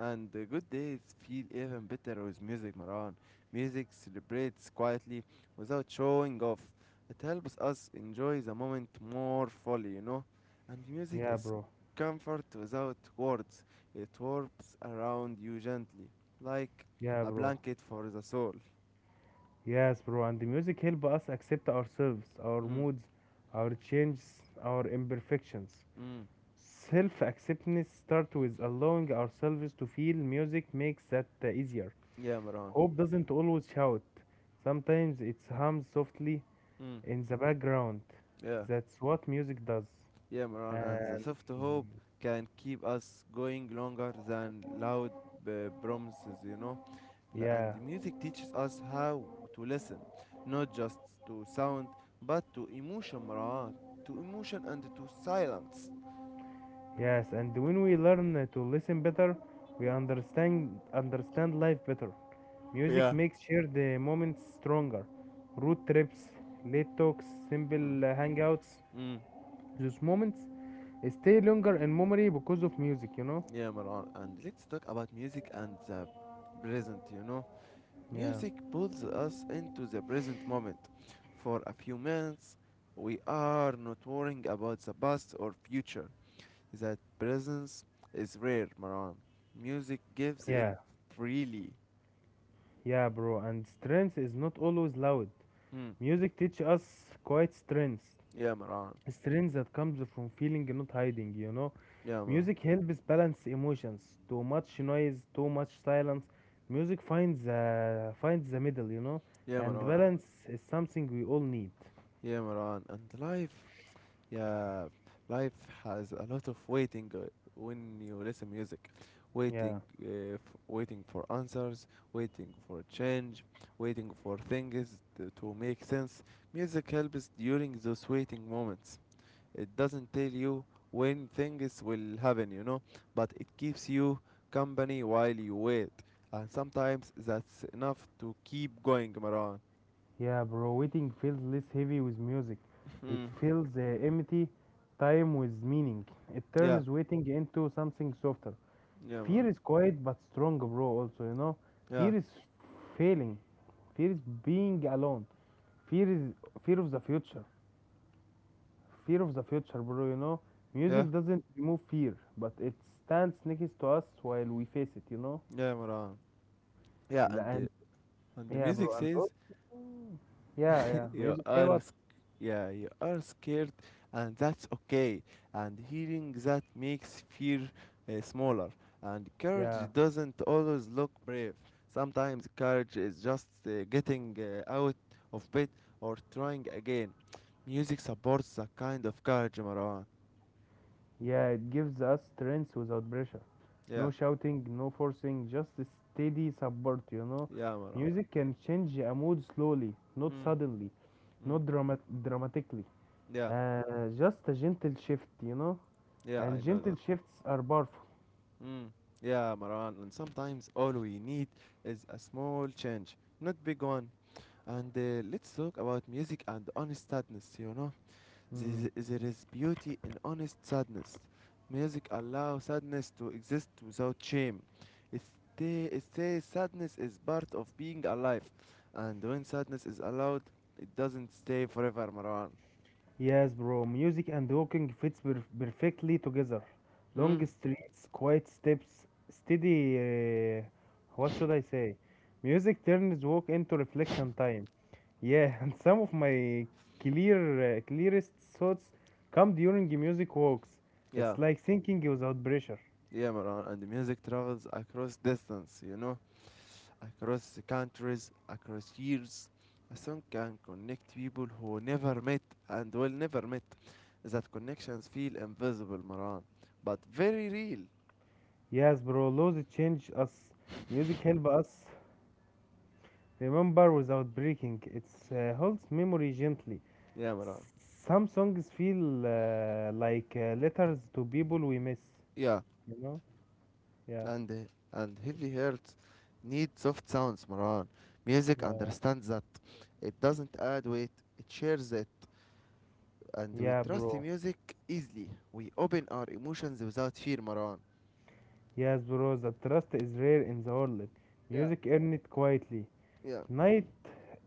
Speaker 1: and the good days feel even better with music, Maran. Music celebrates quietly without showing off. It helps us enjoy the moment more fully. And music
Speaker 2: Yeah,
Speaker 1: is
Speaker 2: bro.
Speaker 1: comfort without words. It warps around you gently, like
Speaker 2: Yeah,
Speaker 1: a
Speaker 2: bro.
Speaker 1: blanket for the soul.
Speaker 2: Yes, bro. And the music help us accept ourselves, our
Speaker 1: Mm,
Speaker 2: moods, our changes, our imperfections.
Speaker 1: mm.
Speaker 2: Self-acceptance start with allowing ourselves to feel. Music makes that easier.
Speaker 1: Yeah, Maran.
Speaker 2: Hope doesn't always shout. Sometimes it hums softly,
Speaker 1: Mm,
Speaker 2: in the background.
Speaker 1: yeah,
Speaker 2: That's what music does.
Speaker 1: yeah, Maran. And the
Speaker 2: And
Speaker 1: soft hope can keep us going longer than loud promises. And
Speaker 2: yeah,
Speaker 1: the music teaches us how to listen, not just to sound, but to emotion, Maran. To emotion and to silence.
Speaker 2: yes. And when we learn to listen better, we understand life better. Music
Speaker 1: Yeah.
Speaker 2: makes shared moments stronger. Road trips, late talks, simple
Speaker 1: Mm.
Speaker 2: hangouts.
Speaker 1: Mm.
Speaker 2: Those moments stay longer in memory because of music. You know.
Speaker 1: Yeah, Maran. And let's talk about music and the present.
Speaker 2: Yeah.
Speaker 1: Music pulls us into the present moment. For a few minutes, we are not worrying about the past or future. That presence is rare, Maran. Music gives it
Speaker 2: Yeah,
Speaker 1: freely.
Speaker 2: yeah, bro. And strength is not always loud.
Speaker 1: Mm.
Speaker 2: Music teach us quiet strength.
Speaker 1: Yeah, Maran.
Speaker 2: Strength that comes from feeling not hiding, you know,
Speaker 1: Yeah, man.
Speaker 2: music helps balance emotions, too much noise too much silence, music finds finds the middle, you know,
Speaker 1: Yeah,
Speaker 2: and
Speaker 1: Marwan.
Speaker 2: balance is something we all need.
Speaker 1: Yeah, Marwan. And life, yeah, life has a lot of waiting when you listen music.
Speaker 2: Yeah,
Speaker 1: Waiting, uh, f- waiting for answers, waiting for change, waiting for things to make sense. Music helps during those waiting moments. It doesn't tell you when things will happen, but it keeps you company while you wait. And sometimes that's enough to keep going, Marwan.
Speaker 2: yeah, bro, waiting feels less heavy with music. It
Speaker 1: Mm.
Speaker 2: feels empty time with meaning. It
Speaker 1: Yeah.
Speaker 2: turns waiting into something softer.
Speaker 1: Yeah, Maran.
Speaker 2: Fear is quiet but strong, bro. Also, you know,
Speaker 1: Yeah,
Speaker 2: fear is failing, fear is being alone, fear is fear of the future, fear of the future, bro. You know,
Speaker 1: yeah,
Speaker 2: music doesn't remove fear, but it stands next to us while we face it. You know,
Speaker 1: yeah, Maran. Yeah,
Speaker 2: The-
Speaker 1: and
Speaker 2: and
Speaker 1: the
Speaker 2: yeah,
Speaker 1: music
Speaker 2: bro, and also,
Speaker 1: says
Speaker 2: yeah, yeah,
Speaker 1: you
Speaker 2: music. Say
Speaker 1: are,
Speaker 2: what?
Speaker 1: sc- yeah, you are scared, and that's okay. And hearing that makes fear smaller. And courage
Speaker 2: Yeah,
Speaker 1: doesn't always look brave. Sometimes courage is just getting out of bed or trying again. Music supports that kind of courage, Maran.
Speaker 2: yeah, it gives us strength without pressure. No
Speaker 1: Yeah,
Speaker 2: shouting, no forcing, just a steady support.
Speaker 1: yeah, Maran.
Speaker 2: Music can change a mood slowly, not
Speaker 1: Mm,
Speaker 2: suddenly,
Speaker 1: mm.
Speaker 2: not dramatically.
Speaker 1: Yeah,
Speaker 2: Just a gentle shift, you know.
Speaker 1: yeah,
Speaker 2: And
Speaker 1: I know
Speaker 2: gentle
Speaker 1: that.
Speaker 2: shifts are powerful.
Speaker 1: Mm. Yeah, Maran. And sometimes all we need is a small change, not big one. And let's talk about music and honest sadness, you know?
Speaker 2: Mm.
Speaker 1: There is beauty in honest sadness. Music allows sadness to exist without shame. It, it says sadness is part of being alive. And when sadness is allowed, it doesn't stay forever, Maran.
Speaker 2: Yes, bro. Music and walking fits perfectly together. Long
Speaker 1: Hmm?
Speaker 2: streets, quiet steps, steady. Uh, what should I say? Music turns walk into reflection time. Yeah, and some of my clear, clearest thoughts come during music walks. It's
Speaker 1: Yeah,
Speaker 2: like thinking without pressure.
Speaker 1: yeah, Maran. And the music travels across distance, you know? Across the countries, across years. A song can connect people who never met and will never met. That connections feel invisible, Maran, but very real.
Speaker 2: Yes, bro. Laws change us. Music help us remember without breaking. It holds memory gently.
Speaker 1: Yeah, Maran.
Speaker 2: Some songs feel like letters to people we miss,
Speaker 1: Yeah,
Speaker 2: you know? Yeah,
Speaker 1: and uh, and heavy hearts need soft sounds, Maran. Music
Speaker 2: yeah,
Speaker 1: understands that. It doesn't add weight. It shares it, and we
Speaker 2: yeah,
Speaker 1: trust the
Speaker 2: bro.
Speaker 1: music easily. We open our emotions without fear, Maran.
Speaker 2: Yes, bro, the trust is rare in the world.
Speaker 1: Yeah,
Speaker 2: Music earned it quietly.
Speaker 1: yeah,
Speaker 2: Night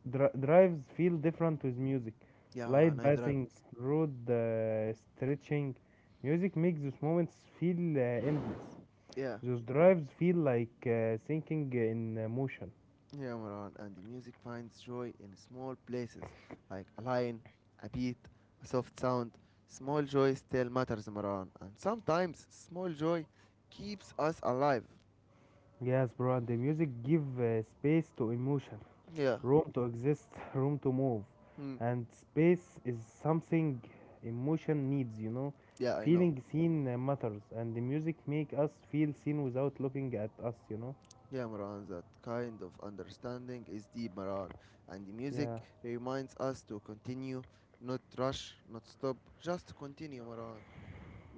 Speaker 2: drives feel different with music.
Speaker 1: yeah, and
Speaker 2: Light
Speaker 1: I drive.
Speaker 2: passing, road stretching. Music makes those moments feel endless.
Speaker 1: Yeah.
Speaker 2: Those drives feel like sinking in motion.
Speaker 1: Yeah, Maran, and the music finds joy in small places, like a line, a beat, a soft sound. Small joy still matters, Maran, and sometimes small joy keeps us alive.
Speaker 2: Yes, bro, and the music give space to emotion.
Speaker 1: Yeah,
Speaker 2: Room to exist, room to move.
Speaker 1: hmm,
Speaker 2: And space is something emotion needs, you know.
Speaker 1: yeah, I know.
Speaker 2: Feeling seen matters, and the music make us feel seen without looking at us, you know.
Speaker 1: Yeah, Maran, that kind of understanding is deep, Maran, and the
Speaker 2: Yeah,
Speaker 1: music reminds us to continue, not rush, not stop, just continue, Maran.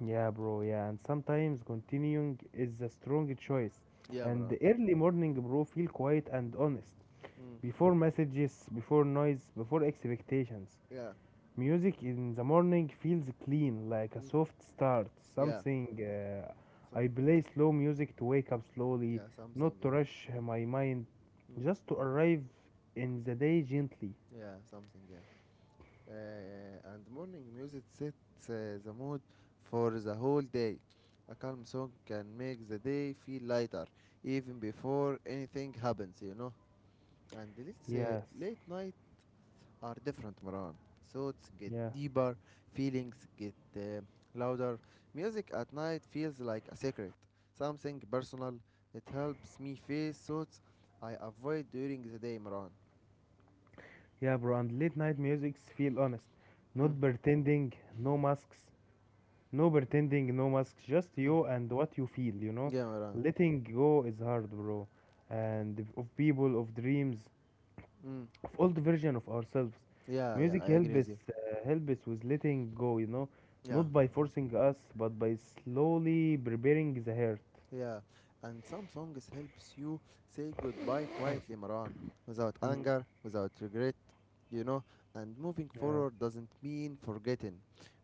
Speaker 2: yeah, bro. Yeah, and sometimes continuing is a strong choice.
Speaker 1: Yeah,
Speaker 2: And
Speaker 1: Maran.
Speaker 2: the early morning, bro, feel quiet and honest.
Speaker 1: Hmm,
Speaker 2: Before messages, before noise, before expectations.
Speaker 1: yeah,
Speaker 2: Music in the morning feels clean, like a
Speaker 1: hmm,
Speaker 2: soft start,
Speaker 1: yeah,
Speaker 2: something
Speaker 1: some,
Speaker 2: I play slow music to wake up slowly,
Speaker 1: yeah, something,
Speaker 2: not
Speaker 1: yeah,
Speaker 2: to rush my mind,
Speaker 1: hmm,
Speaker 2: just to arrive in the day gently.
Speaker 1: yeah, something, yeah. And morning music sets the mood for the whole day. A calm song can make the day feel lighter, even before anything happens, you know. And let's say
Speaker 2: Yes,
Speaker 1: late night are different, Maran. Thoughts get
Speaker 2: yeah,
Speaker 1: deeper, feelings get louder. Music at night feels like a secret, something personal. It helps me face thoughts I avoid during the day, Maran.
Speaker 2: yeah, bro. And late night musics feel honest,
Speaker 1: Mm,
Speaker 2: not pretending, no masks, no pretending, no masks, just
Speaker 1: mm.
Speaker 2: you and what you feel, you know.
Speaker 1: Yeah, Maran.
Speaker 2: Letting go is hard, bro, and of people, of dreams,
Speaker 1: Mm.
Speaker 2: of old version of ourselves.
Speaker 1: Yeah, yeah,
Speaker 2: Music
Speaker 1: I agree
Speaker 2: help
Speaker 1: with
Speaker 2: us
Speaker 1: you.
Speaker 2: uh, help us with letting go, you know,
Speaker 1: Yeah,
Speaker 2: not by forcing us, but by slowly preparing the heart.
Speaker 1: yeah. And some songs helps you say goodbye quietly, Maran, without
Speaker 2: Mm,
Speaker 1: anger, without regret, you know. And moving
Speaker 2: yeah,
Speaker 1: forward doesn't mean forgetting.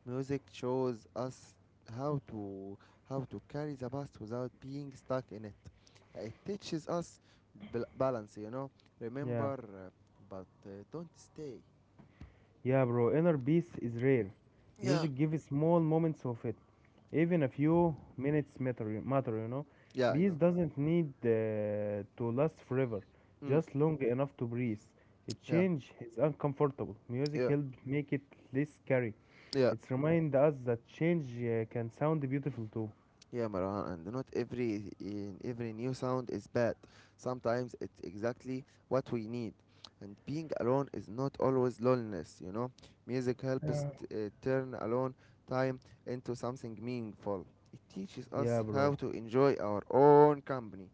Speaker 1: Music shows us how to how to carry the past without being stuck in it. It teaches us balance, you know.
Speaker 2: yeah,
Speaker 1: Remember, uh, but don't stay.
Speaker 2: yeah, bro. Inner peace is rare.
Speaker 1: Yeah,
Speaker 2: Music gives small moments of it. Even a few minutes matter, you know.
Speaker 1: yeah, I
Speaker 2: Peace
Speaker 1: know.
Speaker 2: doesn't need to last forever,
Speaker 1: Mm,
Speaker 2: just long enough to breathe. A
Speaker 1: yeah,
Speaker 2: change is uncomfortable. Music
Speaker 1: yeah,
Speaker 2: helps make it less scary.
Speaker 1: yeah.
Speaker 2: It's remind us that change can sound beautiful too.
Speaker 1: Yeah, Marwan, and not every new sound is bad. Sometimes it's exactly what we need. And being alone is not always loneliness, you know. Music helps
Speaker 2: Yeah.
Speaker 1: turn alone time into something meaningful. It teaches
Speaker 2: Yeah,
Speaker 1: us how
Speaker 2: bro.
Speaker 1: to enjoy our own company.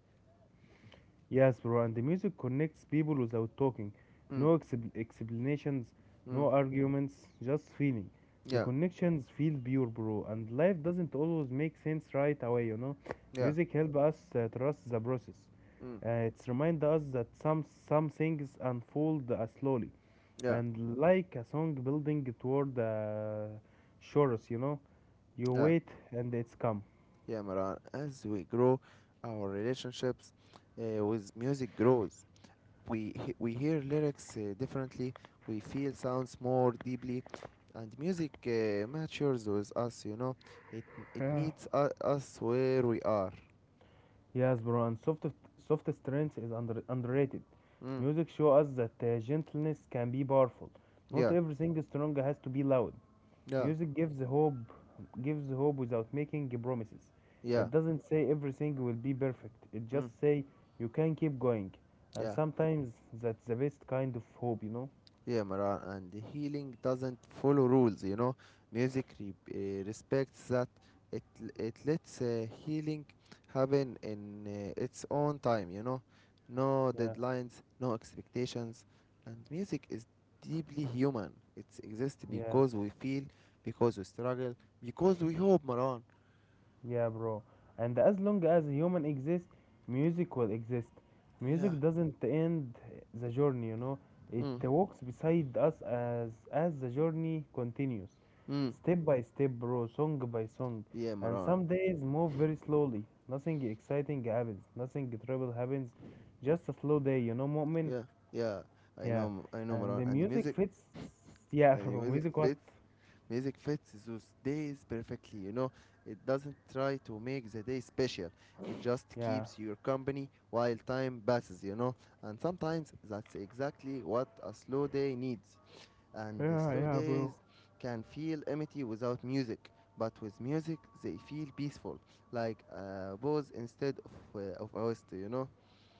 Speaker 2: Yes, bro. And the music connects people without talking.
Speaker 1: Mm,
Speaker 2: No explanations,
Speaker 1: mm,
Speaker 2: no arguments, just feeling. The
Speaker 1: yeah,
Speaker 2: connections feel pure, bro. And life doesn't always make sense right away, you know.
Speaker 1: yeah,
Speaker 2: Music help us trust the process.
Speaker 1: mm,
Speaker 2: It's remind us that some things unfold slowly
Speaker 1: yeah,
Speaker 2: and like a song building toward the shores, you know. You
Speaker 1: yeah,
Speaker 2: wait and it's come.
Speaker 1: yeah, Maran. As we grow, our relationships with music grows. We hear lyrics differently, we feel sounds more deeply, and music matures with us, you know. It it
Speaker 2: Yeah.
Speaker 1: meets us where we are.
Speaker 2: Yes, bro, and soft, soft strength is underrated.
Speaker 1: Mm,
Speaker 2: Music shows us that gentleness can be powerful. Not
Speaker 1: yeah,
Speaker 2: everything strong has to be loud.
Speaker 1: yeah,
Speaker 2: Music gives hope without making promises. It
Speaker 1: yeah,
Speaker 2: doesn't say everything will be perfect. It just
Speaker 1: mm,
Speaker 2: say you can keep going, and
Speaker 1: yeah.
Speaker 2: sometimes that's the best kind of hope, you know.
Speaker 1: Yeah, Maran, and healing doesn't follow rules, you know. Music respects that. It lets healing happen in its own time, you know. No
Speaker 2: Yeah.
Speaker 1: deadlines, no expectations, and music is deeply human. It exists
Speaker 2: Yes.
Speaker 1: because we feel, because we struggle, because we hope, Maran.
Speaker 2: Yeah, bro. And as long as human exists, music will exist.
Speaker 1: Yeah.
Speaker 2: Music doesn't end the journey, you know. It
Speaker 1: Mm.
Speaker 2: walks beside us as the journey continues,
Speaker 1: Mm.
Speaker 2: step by step, bro, song by song.
Speaker 1: Yeah,
Speaker 2: And
Speaker 1: Maran.
Speaker 2: some days move very slowly. Nothing exciting happens. Nothing terrible happens. Just a slow day, you know, moment.
Speaker 1: Yeah. Yeah. I
Speaker 2: Yeah.
Speaker 1: know. I know,
Speaker 2: And
Speaker 1: Maran.
Speaker 2: the
Speaker 1: And
Speaker 2: music
Speaker 1: music.
Speaker 2: fits. Yeah,
Speaker 1: And
Speaker 2: bro.
Speaker 1: music
Speaker 2: Music what?
Speaker 1: fits. Music fits those days perfectly. It doesn't try to make the day special. It just
Speaker 2: Yeah.
Speaker 1: keeps your company while time passes. And sometimes that's exactly what a slow day needs. And the
Speaker 2: Yeah,
Speaker 1: slow
Speaker 2: yeah, bro.
Speaker 1: days can feel empty without music, but with music they feel peaceful, like a pause instead of a waste, you know.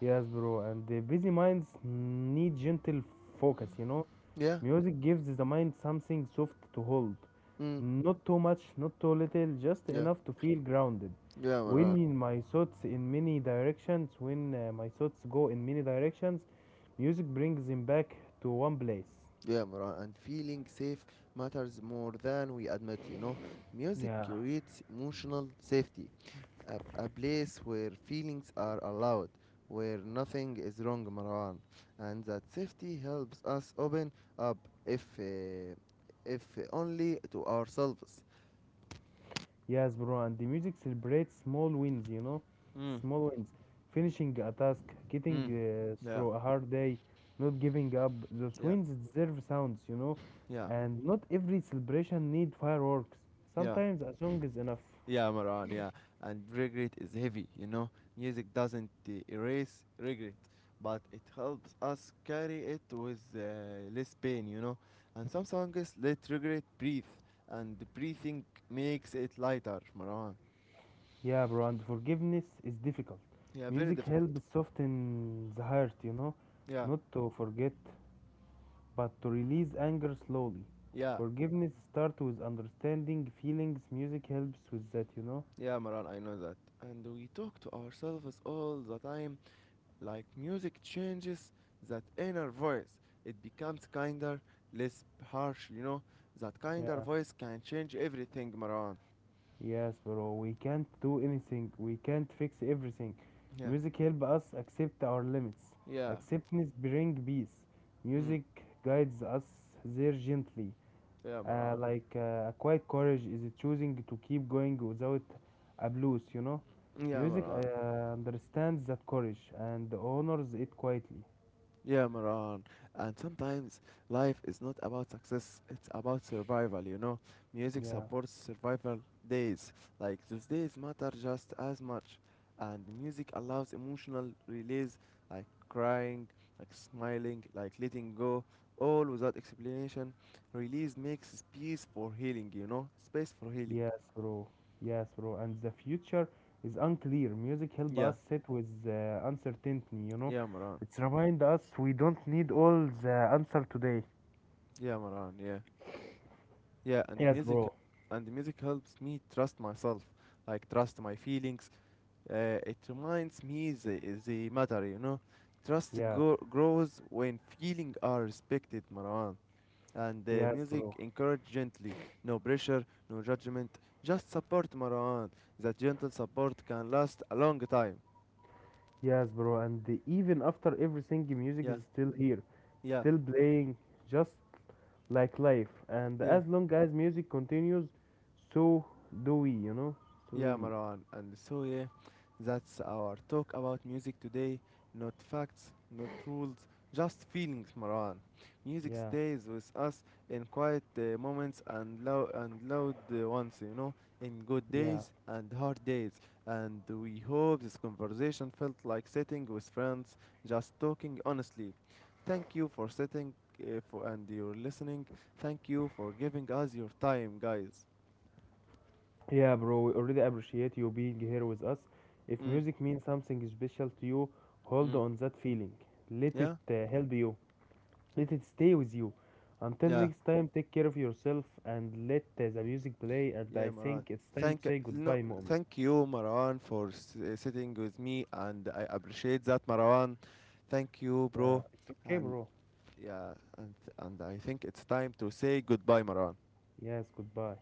Speaker 2: Yes, bro, and the busy minds need gentle focus, you know?
Speaker 1: Yeah.
Speaker 2: Music gives the mind something soft to hold.
Speaker 1: Mm.
Speaker 2: Not too much, not too little, just
Speaker 1: Yeah.
Speaker 2: enough to feel grounded.
Speaker 1: Yeah, Maran.
Speaker 2: When my thoughts go in many directions, music brings them back to one place.
Speaker 1: Yeah, Maran, and feeling safe matters more than we admit, you know. Music
Speaker 2: Yeah.
Speaker 1: creates emotional safety, a place where feelings are allowed, where nothing is wrong, Maran. And that safety helps us open up, if, uh, if only to ourselves.
Speaker 2: Yes, bro, and the music celebrates small wins, you know,
Speaker 1: Mm,
Speaker 2: small wins. Finishing a task, getting
Speaker 1: mm. Yeah,
Speaker 2: through a hard day, not giving up. Those
Speaker 1: yeah,
Speaker 2: wins deserve sounds, you know,
Speaker 1: yeah,
Speaker 2: and not every celebration need fireworks.
Speaker 1: yeah.
Speaker 2: Sometimes a song is enough.
Speaker 1: Yeah, Maran, yeah. And regret is heavy, you know. Music doesn't erase regret, but it helps us carry it with less pain, you know. And some songs let regret breathe, and the breathing makes it lighter, Maran.
Speaker 2: Yeah, bro, and forgiveness is difficult.
Speaker 1: Yeah, very
Speaker 2: Music
Speaker 1: difficult.
Speaker 2: helps soften the heart, you know,
Speaker 1: Yeah,
Speaker 2: not to forget, but to release anger slowly.
Speaker 1: yeah,
Speaker 2: Forgiveness starts with understanding feelings. Music helps with that, you know.
Speaker 1: yeah, Maran, I know that. And we talk to ourselves all the time, like music changes that inner voice, it becomes kinder, less harsh, you know? That kinder
Speaker 2: Yeah.
Speaker 1: voice can change everything, Maran.
Speaker 2: Yes, bro, we can't do anything. We can't fix everything.
Speaker 1: Yeah,
Speaker 2: Music help us accept our limits.
Speaker 1: yeah,
Speaker 2: Acceptance bring peace.
Speaker 1: mm,
Speaker 2: Music guides us there gently.
Speaker 1: yeah, Maran.
Speaker 2: A quiet courage is choosing to keep going without a blues, you know?
Speaker 1: Yeah,
Speaker 2: Music
Speaker 1: Maran.
Speaker 2: understands that courage and honors it quietly.
Speaker 1: Yeah, Maran. And sometimes life is not about success, it's about survival, you know? Music
Speaker 2: Yeah.
Speaker 1: supports survival days. Like, those days matter just as much. And music allows emotional release, like crying, like smiling, like letting go, all without explanation. Release makes space for healing, you know? Space for healing.
Speaker 2: Yes, bro. Yes, bro. And the future is unclear. Music help
Speaker 1: Yeah,
Speaker 2: us sit with the uncertainty, you know.
Speaker 1: yeah, Maran.
Speaker 2: It's remind us we don't need all the answer today.
Speaker 1: Yeah, Maran, yeah. Yeah, and the
Speaker 2: Yes,
Speaker 1: music
Speaker 2: bro.
Speaker 1: and the music helps me trust myself, like trust my feelings. It reminds me the matter, you know. Trust
Speaker 2: Yeah.
Speaker 1: grows when feelings are respected, Marwan. And
Speaker 2: Yes,
Speaker 1: music
Speaker 2: bro.
Speaker 1: encourage gently. No pressure, no judgment. Just support, Marwan. That gentle support can last a long time.
Speaker 2: Yes, bro. And the- even after everything, the music
Speaker 1: Yeah,
Speaker 2: is still here,
Speaker 1: yeah,
Speaker 2: still playing, just like life. And
Speaker 1: yeah.
Speaker 2: as long as music continues, so do we, you know? So do
Speaker 1: Yeah,
Speaker 2: we.
Speaker 1: Marwan. And so, yeah, that's our talk about music today. Not facts, not rules, just feelings, Marwan. Music
Speaker 2: Yeah.
Speaker 1: stays with us in quiet moments and loud ones, in good
Speaker 2: Yeah.
Speaker 1: days and hard days. And we hope this conversation felt like sitting with friends, just talking honestly. Thank you for sitting and you're listening. Thank you for giving us your time, guys.
Speaker 2: Yeah, bro, we already appreciate you being here with us. If
Speaker 1: Mm,
Speaker 2: music means something special to you, hold
Speaker 1: mm,
Speaker 2: on that feeling. Let it
Speaker 1: yeah.
Speaker 2: help you. Let it stay with you. Until
Speaker 1: Yeah.
Speaker 2: next time, take care of yourself and let the music play. And
Speaker 1: Yeah,
Speaker 2: I
Speaker 1: Maran.
Speaker 2: think it's time to
Speaker 1: Thank
Speaker 2: say
Speaker 1: no,
Speaker 2: goodbye, moment.
Speaker 1: thank you, Maran, for sitting with me, and I appreciate that, Maran. Thank you,
Speaker 2: Yeah,
Speaker 1: bro.
Speaker 2: it's okay,
Speaker 1: And
Speaker 2: bro.
Speaker 1: yeah, and I think it's time to say goodbye, Maran.
Speaker 2: Yes, goodbye.